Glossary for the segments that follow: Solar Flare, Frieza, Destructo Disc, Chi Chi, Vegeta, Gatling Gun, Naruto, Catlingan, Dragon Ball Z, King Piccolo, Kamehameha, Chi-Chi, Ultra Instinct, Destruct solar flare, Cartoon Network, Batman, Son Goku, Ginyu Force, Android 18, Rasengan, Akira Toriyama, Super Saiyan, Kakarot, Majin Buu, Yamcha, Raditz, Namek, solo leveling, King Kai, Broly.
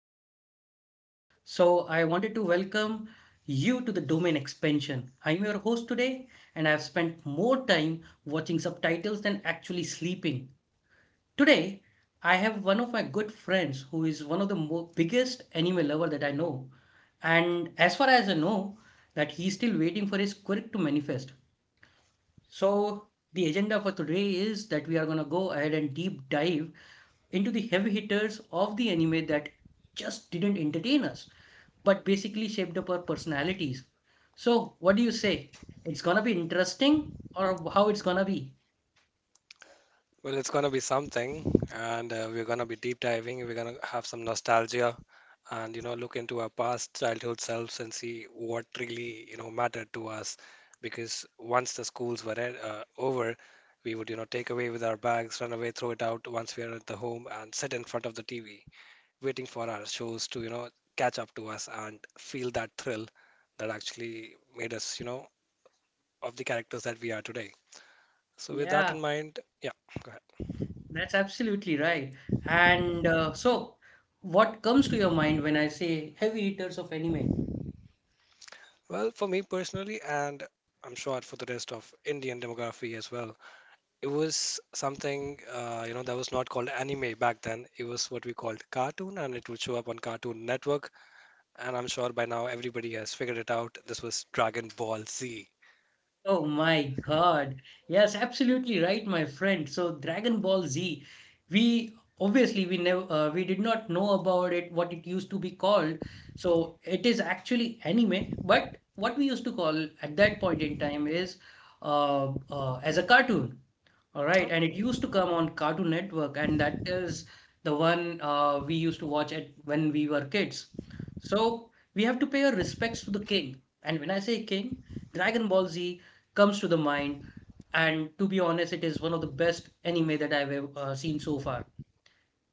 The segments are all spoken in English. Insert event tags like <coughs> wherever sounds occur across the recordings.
podcast today. So, I wanted to welcome you to the domain expansion. I'm your host today, and I've spent more time watching subtitles than actually sleeping. Today, I have one of my good friends who is one of the biggest anime lover that I know. And as far as I know, that he's still waiting for his quirk to manifest. So, the agenda for today is that we are going to go ahead and deep dive into the heavy hitters of the anime that just didn't entertain us, but basically shaped up our personalities. So, what do you say? It's gonna be interesting, or how it's gonna be? Well, it's going to be something, and we're going to be deep diving. We're going to have some nostalgia and, you know, look into our past childhood selves and see what really, you know, mattered to us. Because once the schools were over, we would, you know, take away with our bags, run away, throw it out once we are at the home, and sit in front of the TV, waiting for our shows to, you know, catch up to us and feel that thrill that actually made us, you know, of the characters that we are today. So, with that Yeah, in mind, yeah, go. that's absolutely right. And so, what comes to your mind when I say heavy hitters of anime? Well, for me personally, and I'm sure for the rest of Indian demography as well, it was something, you know, that was not called anime back then. It was what we called cartoon, and it would show up on Cartoon Network. And I'm sure by now everybody has figured it out. This was Dragon Ball Z. Oh my God. Yes, absolutely right, my friend. So Dragon Ball Z, we obviously we did not know about it, what it used to be called. So it is actually anime, but what we used to call at that point in time is, as a cartoon. All right, Oh, and it used to come on Cartoon Network, and that is the one we used to watch it when we were kids. So we have to pay our respects to the king. And when I say king, Dragon Ball Z comes to the mind, and to be honest, it is one of the best anime that I've seen so far.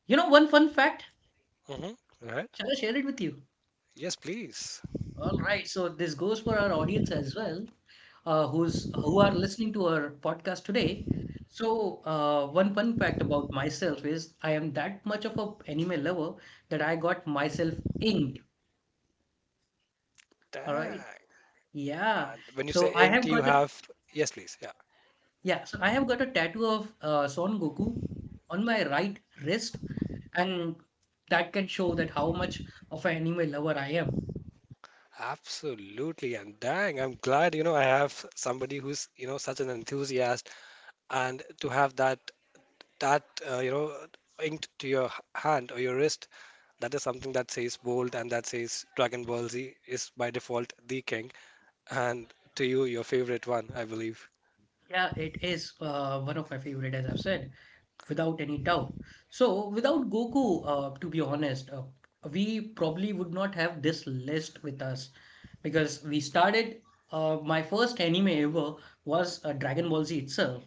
You know, one fun fact, mm-hmm. Right? shall I share it with you? Yes, please. All right, so this goes for our audience as well, who are listening to our podcast today. So, one fun fact about myself is I am that much of a anime lover that I got myself inked. All right, Dang. yeah. And when you So say I ink, have do you got a have? Yes, please. Yeah, yeah. So I have got a tattoo of Son Goku on my right wrist, and that can show that how much of an anime lover I am. absolutely. And dang, I'm glad, you know, I have somebody who's, you know, such an enthusiast and to have that you know inked to your hand or your wrist, that is something that says bold and that says Dragon Ball Z is by default the king, and to you your favorite one, I believe. Yeah, it is, one of my favorite, as I've said, without any doubt. So, without Goku, to be honest, we probably would not have this list with us because we started. My first anime ever was, Dragon Ball Z itself.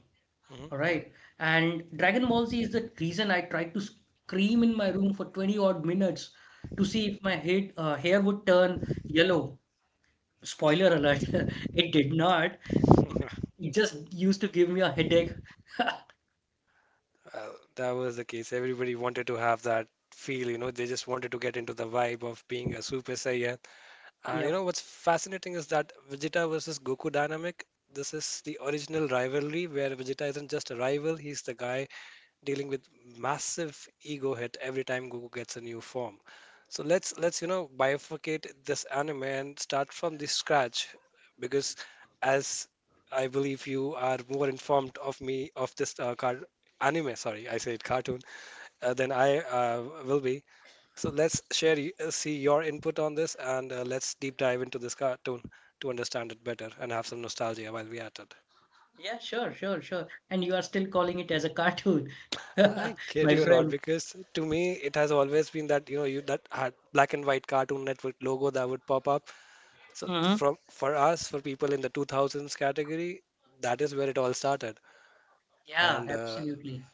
Mhm. All right, and Dragon Ball Z is the reason I tried to scream in my room for 20 odd minutes to see if my head hair would turn yellow. Spoiler alert, <laughs> it did not. <laughs> It just used to give me a headache. Well, that was the case. Everybody wanted to have that feel, you know, they just wanted to get into the vibe of being a Super Saiyan. And you know Yep. what's fascinating is that Vegeta versus Goku dynamic. This is the original rivalry where Vegeta isn't just a rival, he's the guy dealing with massive ego hit every time Goku gets a new form. So let's you know bifurcate this anime and start from the scratch, because as I believe you are more informed of me of this car anime, sorry, I said cartoon, than I will be. So let's share see your input on this, and let's deep dive into this cartoon to understand it better and have some nostalgia while we at it. Yeah, sure, sure, sure. And you are still calling it as a cartoon, <laughs> I kid my you not, friend. because to me it has always been that, you know, you that had black and white Cartoon Network logo that would pop up. So Hmm. from for us for people in the 2000s category, that is where it all started. Yeah, And absolutely.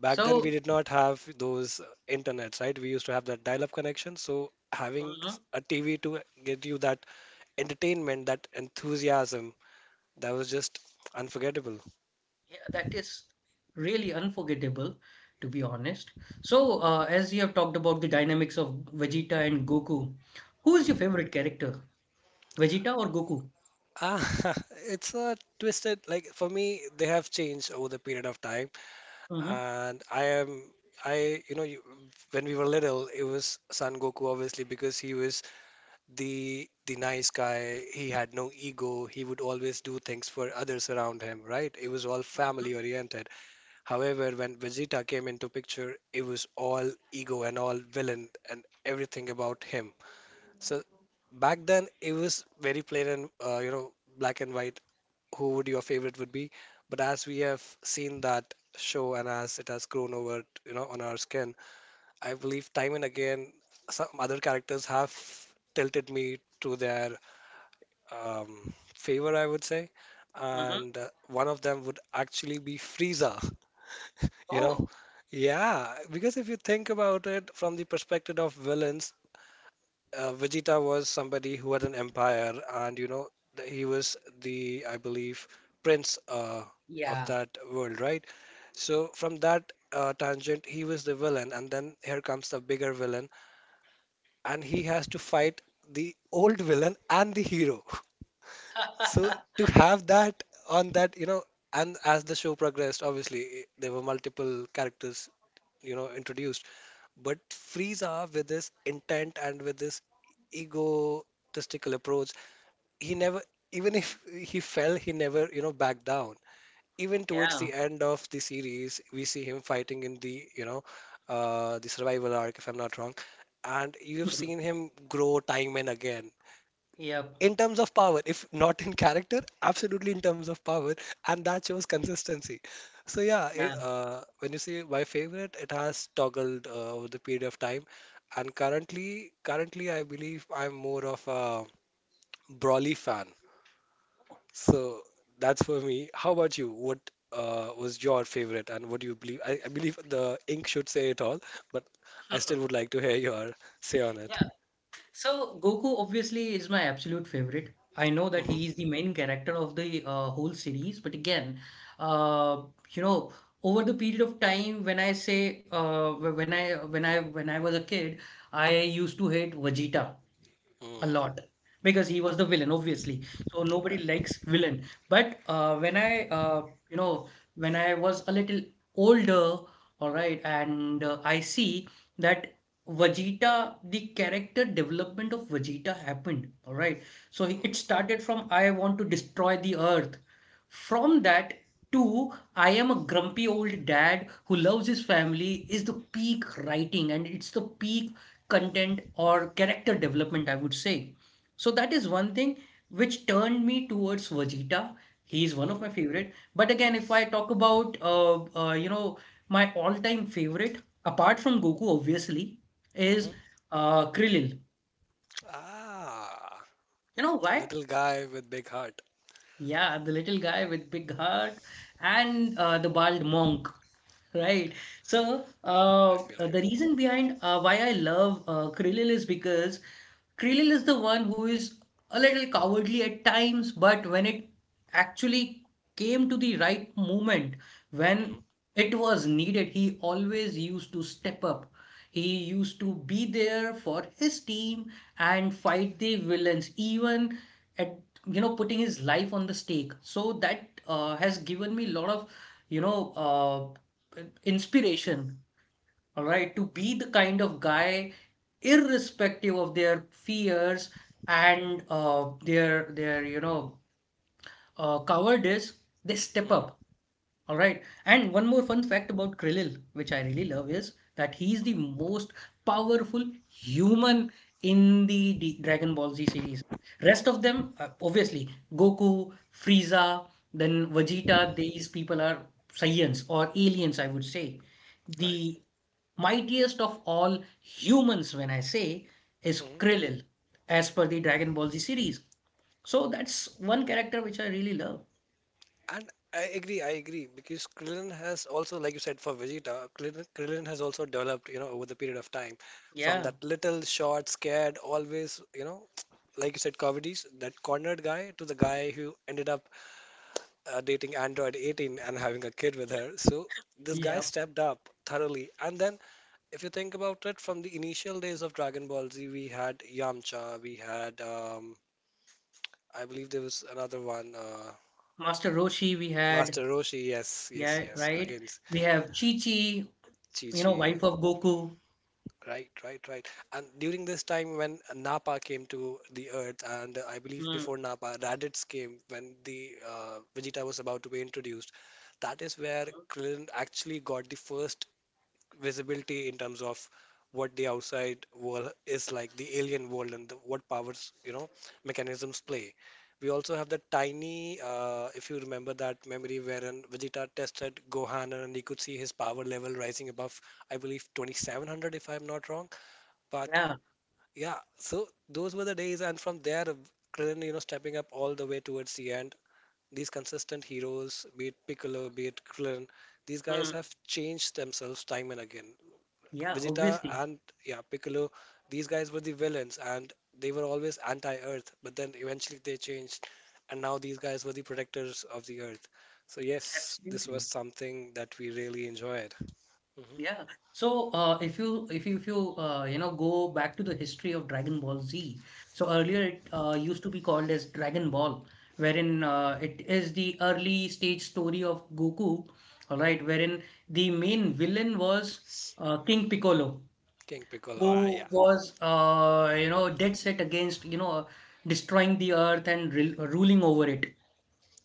back then we So, did not have those internets, right? We used to have that dial-up connection. So having mhm, a TV to get you that entertainment, that enthusiasm, that was just unforgettable. yeah, that is really unforgettable, to be honest. So, as you have talked about the dynamics of Vegeta and Goku, who is your favorite character, Vegeta or Goku? Ah, <laughs> it's a twisted, like for me they have changed over the period of time. Hmm. And I am, I, you know, you, when we were little, it was Son Goku, obviously, because he was the nice guy. He had no ego. He would always do things for others around him, right? It was all Hmm. family oriented. However, when Vegeta came into picture, it was all ego and all villain and everything about him. So back then, it was very plain and you know black and white who would your favorite would be. But as we have seen that show and as it has grown over, you know, on our skin, I believe time and again some other characters have tilted me to their favor, I would say. Hmm. And one of them would actually be Frieza, <laughs> you know. Oh, Yeah, because if you think about it from the perspective of villains, Vegeta was somebody who had an empire, and you know, he was the, I believe, prince of yeah. that world, right? So from that tangent, he was the villain, and then here comes the bigger villain, and he has to fight the old villain and the hero. <laughs> So <laughs> to have that on that, you know, and as the show progressed, obviously there were multiple characters, you know, introduced, but Frieza, with his intent and with his egotistical approach, he never, even if he fell, he never, you know, backed down. Even towards Yeah. the end of the series, we see him fighting in the, you know, the survival arc, if I'm not wrong. And you have seen <laughs> him grow time and again Yep. in terms of power, if not in character, absolutely in terms of power, and that shows consistency. So yeah, Yeah. When you say my favorite, it has toggled over the period of time, and currently I believe I'm more of a brawly fan. So that's for me. How about you? What was your favorite, and what do you believe? I believe the ink should say it all, but I still would <laughs> like to hear your say on it. Yeah. So Goku obviously is my absolute favorite. I know that Hmm. he is the main character of the whole series, but again, uh, you know, over the period of time, when I say, when I was a kid, I used to hate Vegeta a Mm, lot, because he was the villain, obviously, so nobody right. likes villain. But when I you know, when I was a little older, all right, and I see that Vegeta, the character development of Vegeta happened, all right. So it Hmm. started from, I want to destroy the earth, from that to, I am a grumpy old dad who loves his family, is the peak writing and it's the peak content or character development, I would say. So that is one thing which turned me towards Vegeta. He is one of Hmm. my favorite. But again, if I talk about, you know, my all-time favorite, apart from Goku, obviously, Hmm. is Krillin. Ah. You know The why? little guy with big heart. Yeah, the little guy with big heart, and the bald monk, right? So I feel you. the reason behind why I love Krillin is because Krillin is the one who is a little cowardly at times, but when it actually came to the right moment, Mm-hmm. when it was needed, he always used to step up. He used to be there for his team and fight the villains, even at, you know, putting his life on the stake, so that has given me a lot of, you know, inspiration, all right, to be the kind of guy irrespective of their fears, and their, you know, covered is, they step up. Mm-hmm. All right. And one more fun fact about Krillin, which I really love, is that he's the most powerful human in the D Dragon Ball Z series. Rest of them, obviously, Goku, Frieza, then Vegeta, these people are Saiyans or aliens, I would say. Mm-hmm. Right. The mightiest of all humans, when I say, is Hmm. Krillin, as per the Dragon Ball Z series. So that's one character which I really love. And I agree. I agree, because Krillin has also, like you said, for Vegeta, Krillin has also developed, you know, over the period of time, from Yeah. that little short, scared, always, you know, like you said, comedies, that cornered guy to the guy who ended up dating Android 18 and having a kid with Yeah. her. So this guy Yeah. stepped up thoroughly. And then, if you think about it, from the initial days of Dragon Ball Z, we had Yamcha, we had I believe there was another one, Master Roshi we Master had. Roshi. Yes, yes, Yeah, yes. right. Against We have Chi-Chi, you Chi know, wife Chi. of Goku. Right, right, right. And during this time when Nappa came to the Earth, and I believe Mm. before Nappa, Raditz came when the Vegeta was about to be introduced. That is where Krillin actually got the first visibility in terms of what the outside world is like, the alien world, and the, what powers, you know, mechanisms play. We also have the tiny, if you remember that memory wherein Vegeta tested Gohan and he could see his power level rising above, I believe, 2,700 if I'm not wrong. But Yeah. yeah, so those were the days, and from there, Krillin, you know, stepping up all the way towards the end. These consistent heroes, be it Piccolo, be it Krillin, these guys Mm. have changed themselves time and again. Yeah, Vegeta obviously. and yeah, Piccolo, these guys were the villains and they were always anti-Earth, but then eventually they changed and now these guys were the protectors of the Earth. So yes, this was Absolutely. something that we really enjoyed. Hmm. Yeah. So if you know, go back to the history of Dragon Ball Z, so Hmm. earlier it used to be called as Dragon Ball, wherein it is the early stage story of Goku, all right, wherein the main villain was, King Piccolo, King Piccolo, ah, yeah, who was, you know, dead set against, you know, destroying the earth and ruling over it.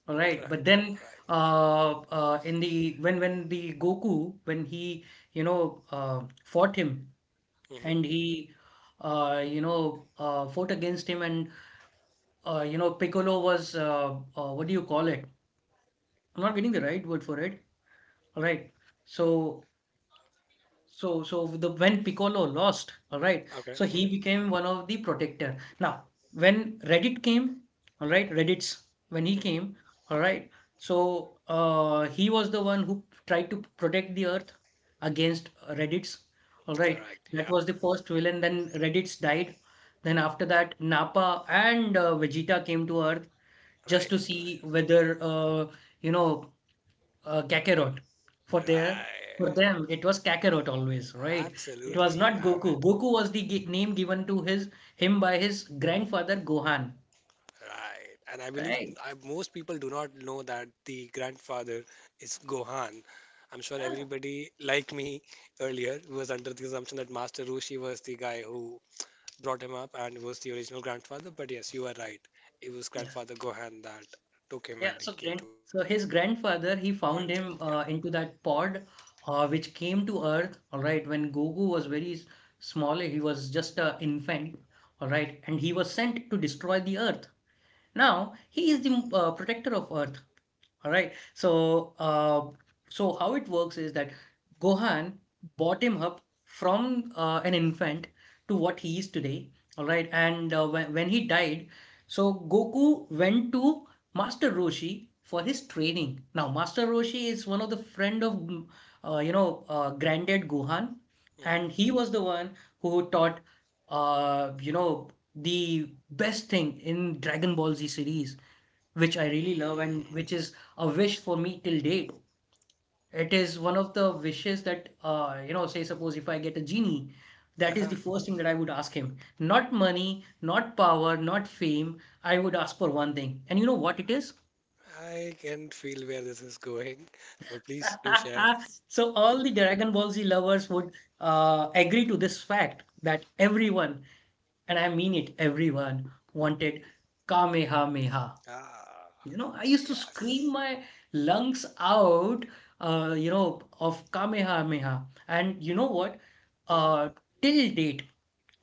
All right, right, but then, right. In the when the Goku, when he, you know, fought him, Hmm. and he, you know, fought against him, and, you know, Piccolo was, what do you call it? I'm not getting the right word for it. All right, so, so, so the when Piccolo lost, all right, Okay, so he hmm. became one of the protector. Now, when Reddit came, all right, Reddit's when he Hmm. came, all right, so he was the one who tried to protect the Earth against, Reddit's, all right. Correct, That yeah, was the first villain. Then Reddit's died. Then after that, Nappa and Vegeta came to Earth just right, to see right, whether, you know, Kakarot. For their for right. them, it was Kakarot always, right? It Absolutely, was you not have Goku. it. Goku was the gi name given to his him by his grandfather Gohan, Right. And I believe right? Most people do not know that the grandfather is Gohan. I'm sure Yeah, everybody, like me earlier, was under the assumption that Master Roshi was the guy who brought him up and was the original grandfather. But yes, you are right. It was yeah, grandfather Gohan that took him yeah. when he So came grand, to Earth. so his Yeah. grandfather he found him, into that pod, which came to Earth, all right, when Goku was very small. He was just an infant, all right, and he was sent to destroy the Earth. Now he Mm, is the protector of Earth. All right. So, how it works is that Gohan brought him up from, an infant to what he is today. All right. And when he died, so Goku went to Master Roshi for his training. Now, Master Roshi is one of the friend of, you know, granddad Gohan, and he was the one who taught, you know, the best thing in Dragon Ball Z series which I mhm, really love mm. and which is a wish for me till date. It is one of the wishes that, you know, say suppose if I get a genie, that is Uh-huh. the first thing that I would ask him. Not money, not power, not fame. I would ask for one thing. And you know what it is? I can feel where this is going, but please do share. <laughs> So all the Dragon Ball Z lovers would, agree to this fact that everyone, and I mean it, everyone wanted Kamehameha. Ah, You know, I used to scream yes. my lungs out, you know, of Kamehameha. And you know what? Mm-hmm. Uh, Till date,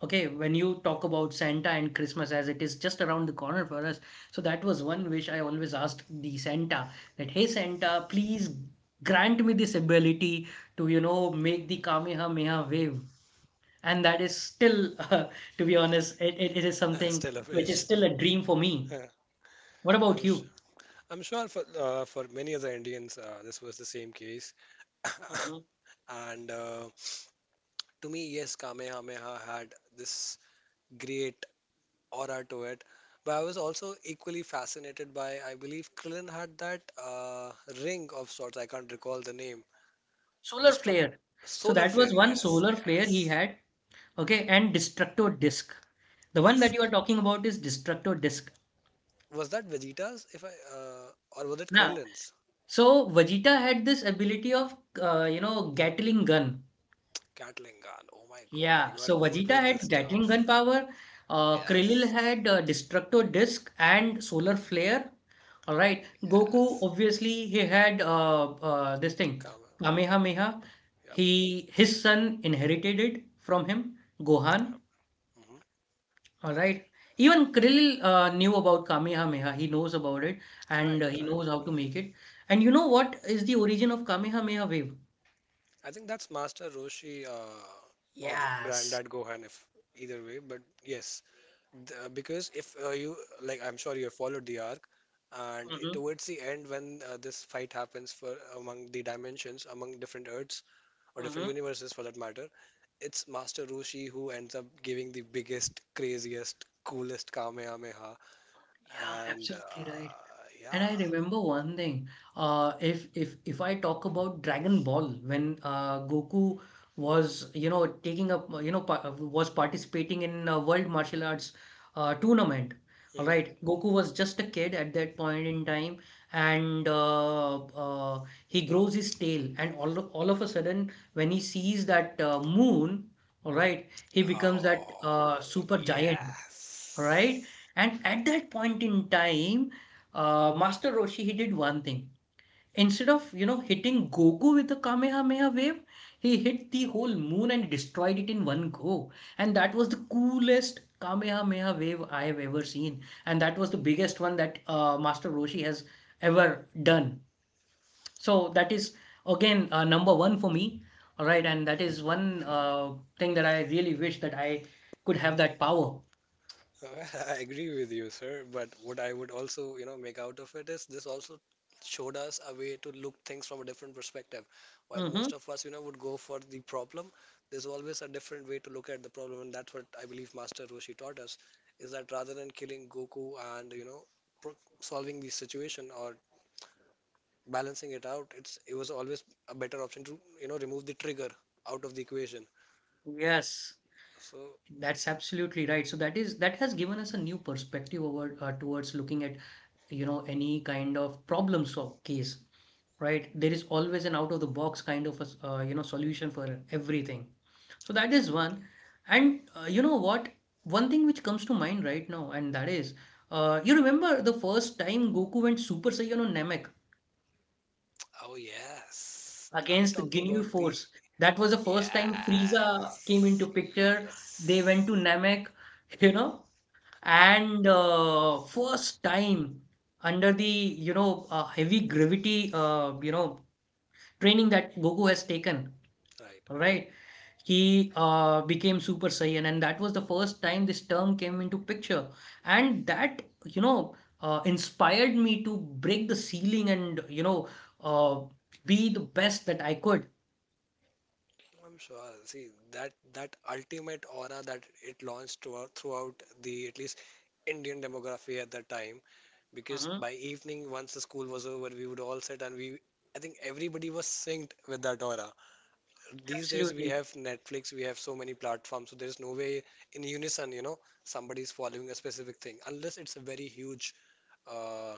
okay, when you talk about Santa and Christmas, as it is just around the corner for us, so that was one wish I always asked the Santa that, hey, Santa, please grant me this ability to, you know, make the Kamehameha wave. And that is still, <laughs> to be honest, it is something Stella which is Fish. still a dream for me. Uh, What about I'm you? I'm sure for many other Indians, this was the same case. <coughs> <laughs> And to me, yes, Kamehameha had this great aura to it. But I was also equally fascinated by, I believe Krillin had that uh, ring of sorts. I can't recall the name. Solar Destruct flare. So solar that was flare. one Yes, solar flare he yes. had, okay, and destructo disc. The one that you are Disc. talking about is destructo disc. Was that Vegeta's? If I uh, or was it Now, Krillin's? so Vegeta had this ability of, you know, Gatling gun. Catlingan. Oh my God, Yeah, you are so good Vegeta with this had Gatling gun stuff. power. Krillin Yes, had destructo disc and solar flare. All right, Goku yes. obviously he had, this thing, Come. Kamehameha. Yeah. He his son inherited it from him, Gohan. Hmm. All right. Even Krill knew about Kamehameha. He knows about it, and Right, he right. knows how to make it. And you know what is the origin of Kamehameha wave? I think that's Master Roshi or Yes. Granddad Gohan, if either way. But yes, the, because if you like, I'm sure you have followed the arc, and Mm-hmm. towards the end, when this fight happens for among the dimensions, among different Earths or different Mm-hmm. universes for that matter, it's Master Roshi who ends up giving the biggest, craziest, coolest Kamehameha, Yeah, and absolutely right. And yeah. I remember one thing. If I talk about Dragon Ball, when Goku was taking up you know pa was participating in a World Martial Arts tournament. All Mm-hmm. right, Goku was just a kid at that point in time, and he grows his tail, and all of a sudden, when he sees that moon, all right, he becomes that Oh, super giant, right? yes. And at that point in time, Master Roshi, he did one thing. Instead of, you know, hitting Goku with the Kamehameha wave, he hit the whole moon and destroyed it in one go. And that was the coolest Kamehameha wave I have ever seen. And that was the biggest one that Master Roshi has ever done. So that is, again, number one for me. All right. And that is one thing that I really wish that I could have that power. <laughs> I agree with you, sir. But what I would also, you know, make out of it is this also showed us a way to look things from a different perspective. While most Mm-hmm. of us, you know, would go for the problem, there's always a different way to look at the problem, and that's what I believe Master Roshi taught us, is that rather than killing Goku and, you know, pro solving the situation or balancing it out, it was always a better option to, you know, remove the trigger out of the equation. Yes. So, That's absolutely right. So that has given us a new perspective over towards looking at any kind of problem solve case, right? There is always an out of the box kind of a solution for everything. So that is absolutely. one, and you know what? One thing which comes to mind right now, and that is, you remember the first time Goku went Super Saiyan on Namek Oh, yes. Are we against the talking Ginyu about the. Force. That was the first time Frieza came Yes. into picture. They went to Yes. Namek, <laughs> you know. Ah, And first time under the heavy gravity training that Goku has taken, right. right? He became Super Saiyan, and that was the first time this term came into picture. And that inspired me to break the ceiling and uh, be the best that I could. I'm sure. See, that that ultimate aura that it launched throughout, throughout the at least Indian demography at that time. Because Hmm. by evening, once the school was over, we would all sit and we. I think everybody was synced with that aura. These days, we Absolutely. have Netflix, we have so many platforms, so there's no way in unison, somebody's following a specific thing unless it's a very huge uh,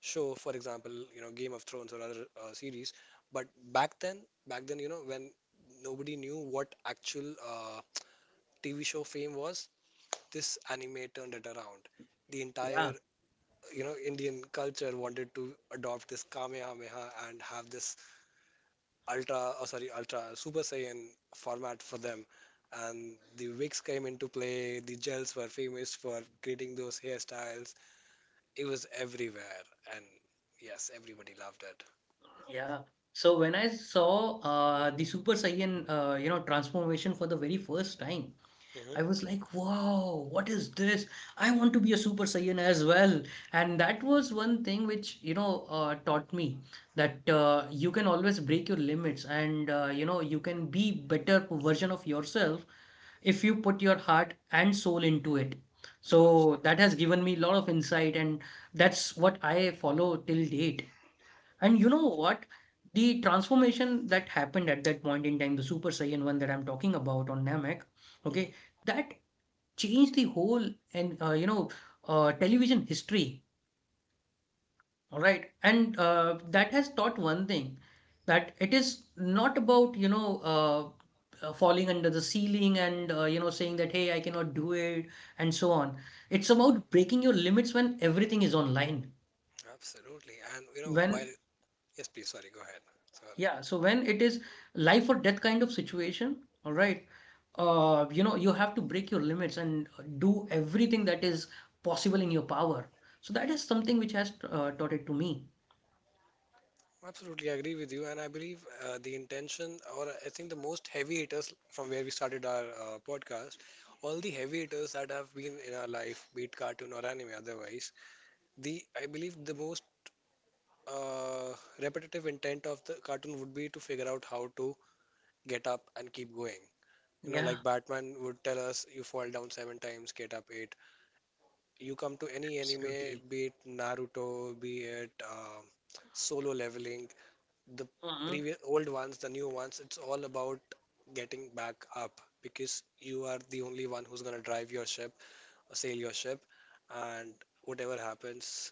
show, for example, Game of Thrones or other series. But back then, when nobody knew what actual TV show fame was, this anime turned it around. The entire, Yeah. you know, Indian culture wanted to adopt this Kamehameha and have this ultra, oh, sorry, ultra Super Saiyan format for them. And the wigs came into play. The gels were famous for creating those hairstyles, it was everywhere, and yes, everybody loved it. Yeah. So when I saw the Super Saiyan, you know, transformation for the very first time, Hmm. I was like, wow, what is this? I want to be a Super Saiyan as well. And that was one thing which, you know, taught me that you can always break your limits and, you know, you can be better version of yourself if you put your heart and soul into it. So that has Absolutely. given me a lot of insight, and that's what I follow till date. And you know what? The transformation that happened at that point in time, the Super Saiyan one that I'm talking about on Namek, okay, Hmm. that changed the whole and television history, all right, and that has taught one thing, that it is not about uh, falling under the ceiling and you know saying that, hey, I cannot do it and so on. It's about breaking your limits when everything is online, Absolutely. And you know, when while yes, please, sorry, go ahead. Sorry. yeah, so when it is life or death kind of situation, all right, you know, you have to break your limits and do everything that is possible in your power. So that is something which has taught it to me. Absolutely, I agree with you, and I believe the intention, or I think the most heavy hitters from where we started our podcast, all the heavy hitters that have been in our life, be it cartoon or anime, otherwise, the I believe the most uh, repetitive intent of the cartoon would be to figure out how to get up and keep going. You know, Yeah, like Batman would tell us, you fall down seven times, get up eight. You come to any anime, absolutely. be it Naruto, be it solo leveling, the Mhm. previous old ones, the new ones, it's all about getting back up because you are the only one who's gonna drive your ship, sail your ship, and whatever happens,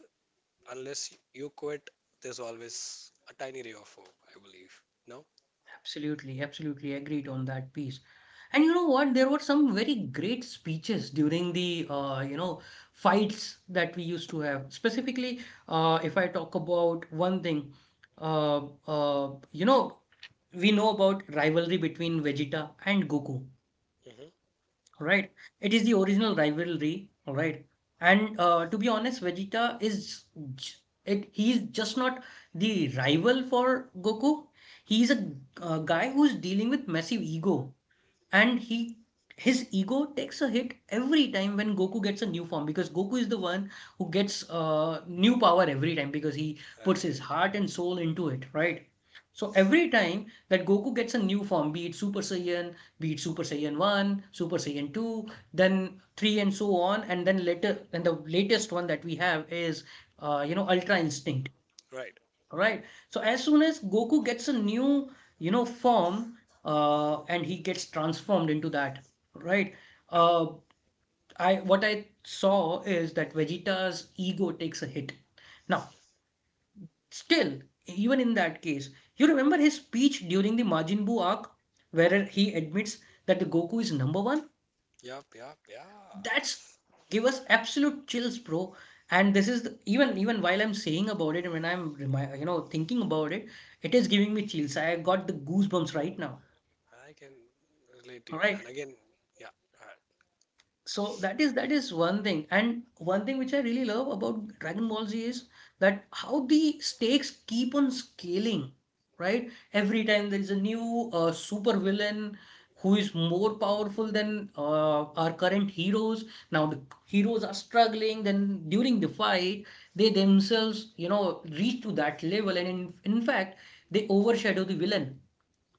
unless you quit, there's always a tiny ray of hope, I believe. No? Absolutely, absolutely agreed on that piece. And you know what? There were some very great speeches during the you know fights that we used to have. Specifically, if I talk about one thing, you know, we know about rivalry between Vegeta and Goku. Mm-hmm. All right. It is the original rivalry. All right. And to be honest, Vegeta is j- it. He's just not the rival for Goku. He's a guy who's dealing with massive ego, and he his ego takes a hit every time when Goku gets a new form, because Goku is the one who gets new power every time because he puts his heart and soul into it, right? So every time that Goku gets a new form, be it Super Saiyan, be it Super Saiyan 1, Super Saiyan 2, then 3 and so on, and then later and the latest one that we have is you know Ultra Instinct. Right. Right. Right. So as soon as Goku gets a new, you know, form, and he gets transformed into that, right? Uh, I what I saw is that Vegeta's ego takes a hit. Now, still, even in that case, you remember his speech during the Majin Buu arc, where he admits that the Goku is number one? Yup, yup, That's yes. give us absolute chills, bro. And this is the, even while I'm saying about it and when I'm you know thinking about it, it is giving me chills. I got the goosebumps right now, I can relate to all you, man. right. Again, yeah. Uh, So that is one thing. And one thing which I really love about Dragon Ball Z is that how the stakes keep on scaling, right? Every time there is a new super villain who is more powerful than our current heroes. Now the heroes are struggling, then during the fight, they themselves, you know, reach to that level and in fact, they overshadow the villain.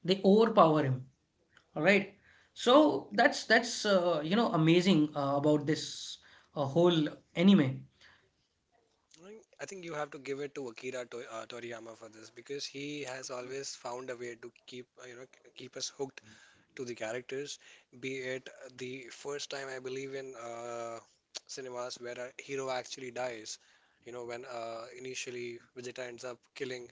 They overpower him, all right. mhm. So that's you know amazing about this whole anime. I think you have to give it to Akira to, Toriyama for this because he has always found a way to keep keep us hooked to the characters. Be it the first time I believe in cinemas where a hero actually dies, you know when initially Vegeta ends up killing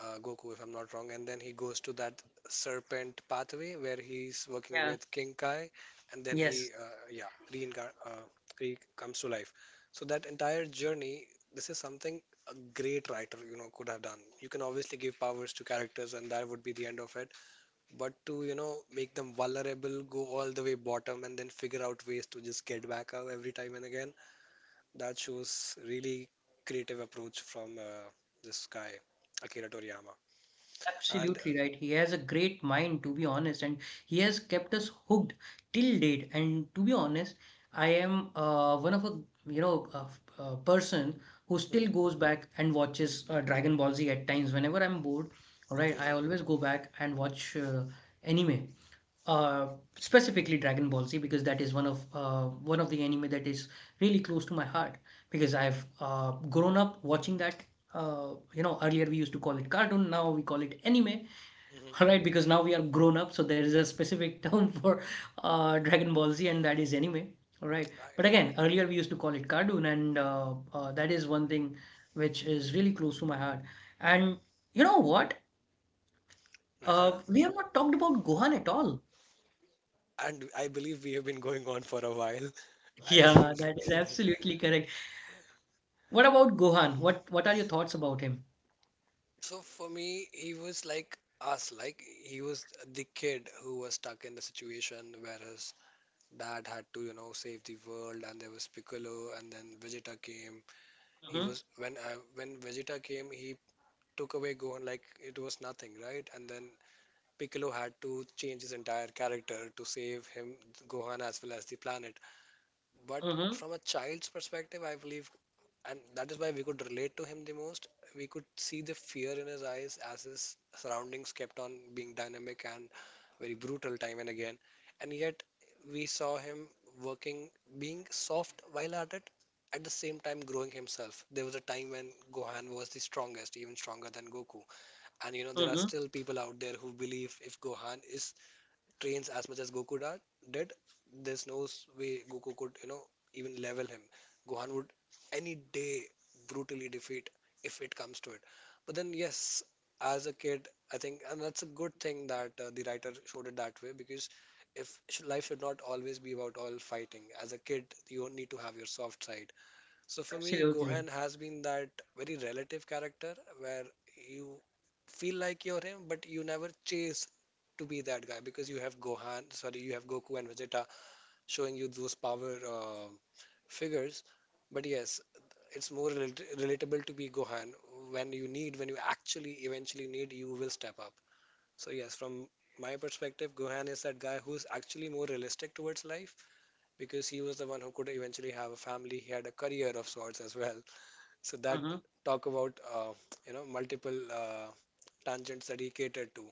Goku, if I'm not wrong, and then he goes to that serpent pathway where he's working Yeah. with King Kai, and then he, Yes, yeah, re comes to life. So that entire journey, this is something a great writer, you know, could have done. You can obviously give powers to characters, and that would be the end of it. But to, you know, make them vulnerable, go all the way bottom, and then figure out ways to just get back up every time and again, that shows really creative approach from this guy, Akira Toriyama. And absolutely right. He has a great mind, to be honest, and he has kept us hooked till date. And to be honest, I am one of a you know a person who still mhm, goes back and watches Dragon Ball Z at times. Whenever I'm bored, all right, I mhm, always go back and watch anime. Uh, specifically Dragon Ball Z, because that is one of the anime that is really close to my heart, because I've grown up watching that. You know, earlier we used to call it cartoon, now we call it anime. mhm, <laughs> All right, because now we are grown up, so there is a specific <laughs> term for Dragon Ball Z, and that is anime, all right. But right, again, earlier we used to call it cartoon, and that is one thing which is really close to my heart. And you know what, right. Uh-huh. We have not talked about Gohan at all. And I believe we have been going on for a while. I Yeah, think. that <laughs> is absolutely correct. What about Gohan? What are your thoughts about him? So for me, he was like us, like he was the kid who was stuck in the situation where his dad had to, you know, save the world, and there was Piccolo, and then Vegeta came. He Mm-hmm, was when Vegeta came, he took away Gohan like it was nothing, right? And then Piccolo had to change his entire character to save him, Gohan, as well as the planet. But mm-hmm, from a child's perspective, I believe, and that is why we could relate to him the most. We could see the fear in his eyes as his surroundings kept on being dynamic and very brutal time and again. And yet, we saw him working, being soft while at it, at the same time growing himself. There was a time when Gohan was the strongest, even stronger than Goku. And you know, there are mm-hmm. still people out there who believe if Gohan is trains as much as Goku did, there's no way Goku could, you know, even level him. Gohan would any day brutally defeat if it comes to it. But then, yes, as a kid, I think, and that's a good thing that the writer showed it that way because if sh- life should not always be about all fighting. As a kid, you need to have your soft side. So for me, Gohan Absolutely. has been that very relative character where you feel like you're him, but you never chase to be that guy because you have Gohan, sorry, you have Goku and Vegeta showing you those power figures. But yes, it's more relatable to be Gohan when you need, when you actually eventually need, you will step up. So yes, from my perspective, Gohan is that guy who's actually more realistic towards life because he was the one who could eventually have a family. He had a career of sorts as well. So that Mm-hmm. talk about multiple tangents that he catered to.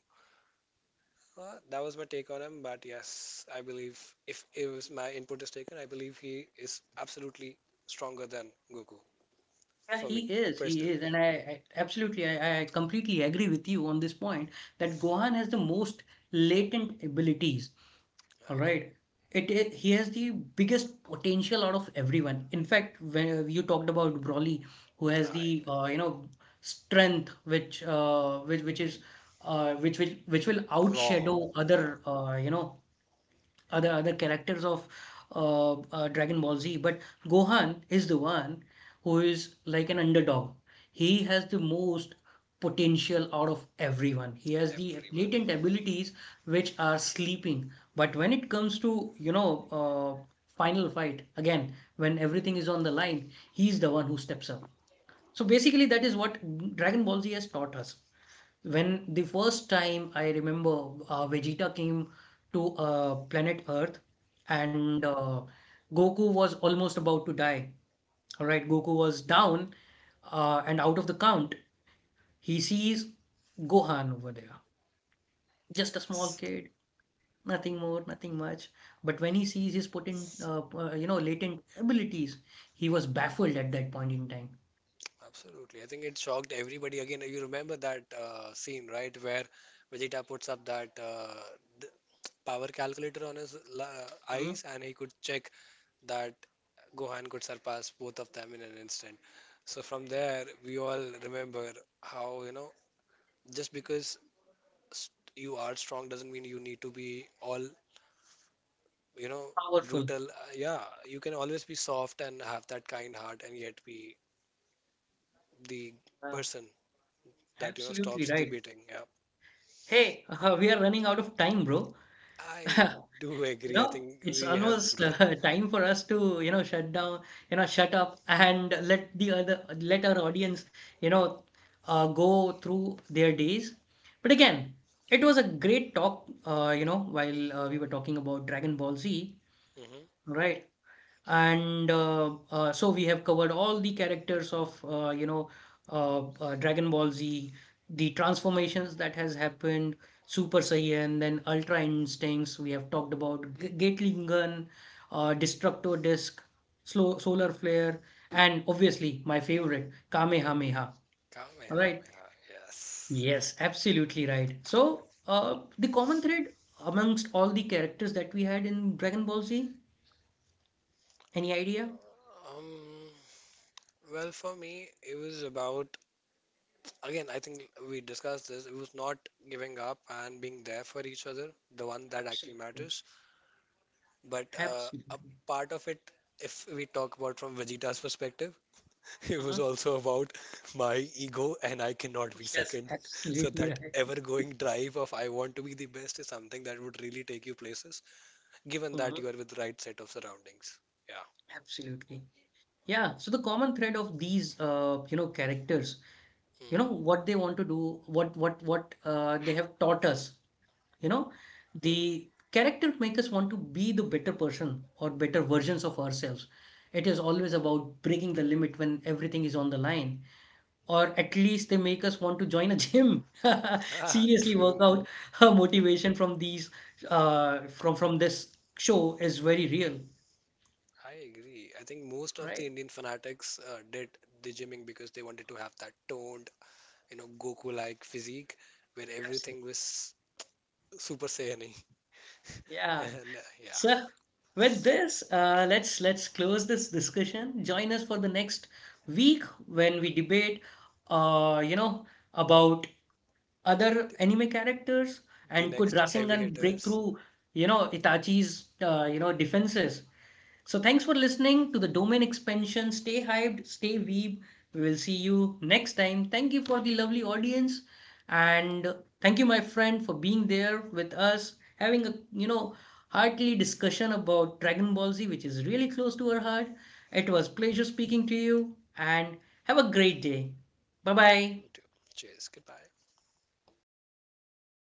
That was my take on him, but yes, I believe if it was my input is taken, I believe he is absolutely stronger than Goku Yeah, for he me is. He personally. is. And I absolutely, I completely agree with you on this point that Gohan has the most latent abilities. All right. It, he has the biggest potential out of everyone. In fact, when you talked about Broly, who has Right. the you know strength which is which will Raw. outshadow Yeah. other you know other characters of Dragon Ball Z, but Gohan is the one who is like an underdog. He Yeah. has the most potential out of everyone. He has the Everybody. latent abilities which are sleeping. But when it comes to, you know, final fight, again, when everything is on the line, he's the one who steps up. So basically, that is what Dragon Ball Z has taught us. When the first time I remember Vegeta came to planet Earth Hmm. and Goku was almost about to die. All right, Goku was down and out of the count. He sees Gohan over there, just a small Yes. kid, nothing more, nothing much. But when he sees his you know, latent abilities, he was baffled at that point in time. Absolutely. I think it shocked everybody. Again, you remember that scene, right, where Vegeta puts up that d- power calculator on his Mhm. eyes and he could check that Gohan could surpass both of them in an instant. So from there, we all remember how, you know, just because st- you are strong doesn't mean you need to be all, you know, Powerful. brutal. Yeah, you can always be soft and have that kind heart and yet be the Uh, person that, you know, absolutely stops the right. beating. Yeah. Hey, <laughs> we are running out of time, bro. I <laughs> do You agree. I know, think it's we have. almost R- <laughs> time for us to, you know, shut down, you know, shut up and let our audience, you know, go through their days. But again, it was a great talk, you know, while we were talking about Dragon Ball Z, mm-hmm. right? And so we have covered all the characters of you know Dragon Ball Z, the transformations that has happened, Super Saiyan, then Ultra Instincts. We have talked about Gatling Gun, Destructo Disc, Slow Solar Flare, and obviously my favorite Kamehameha. All right. Kamehameha, yes. Yes, absolutely right. So the common thread amongst all the characters that we had in Dragon Ball Z, any idea? Um, well, for me, it was about, again, I think we discussed this. It was not giving up and being there for each other, the one that actually Absolutely. matters. But a Absolutely. part of it, if we talk about from Vegeta's perspective, <laughs> it was Uh-huh. also about my ego and I cannot be Yes, second. <laughs> So absolutely that right. ever-going drive of I want to be the best is something that would really take you places, given Uh-huh. that you are with the right set of surroundings. Absolutely. Yeah. So the common thread of these, you know, characters, you know, what they want to do, what they have taught us, you know, Yeah. Mm-hmm. the character make us want to be the better person or better versions of ourselves. It is always about breaking the limit when everything is on the line. Or at least they make us want to join a gym. <laughs> <laughs> Ah, Seriously, work true. out. Her motivation from these from this show is very real, I agree. I think most of the right? Indian fanatics did the gymming because they wanted to have that toned, you know, Goku-like physique where everything Absolutely. was Super Saiyan. <laughs> Yeah. And yeah, So with this, let's close this discussion. Join us for the next week when we debate, you know, about other the, anime characters the and could next heavy Rasengan break hitters. through, you know, Itachi's, you know, defenses. So thanks for listening to the domain expansion. Stay hyped, stay weeb. We will see you next time. Thank you for the lovely audience, and thank you, my friend, for being there with us having a you know heartily discussion about Dragon Ball Z, which is really close to our heart. It was a pleasure speaking to you, and have a great day. Bye bye. You too. Cheers. Goodbye.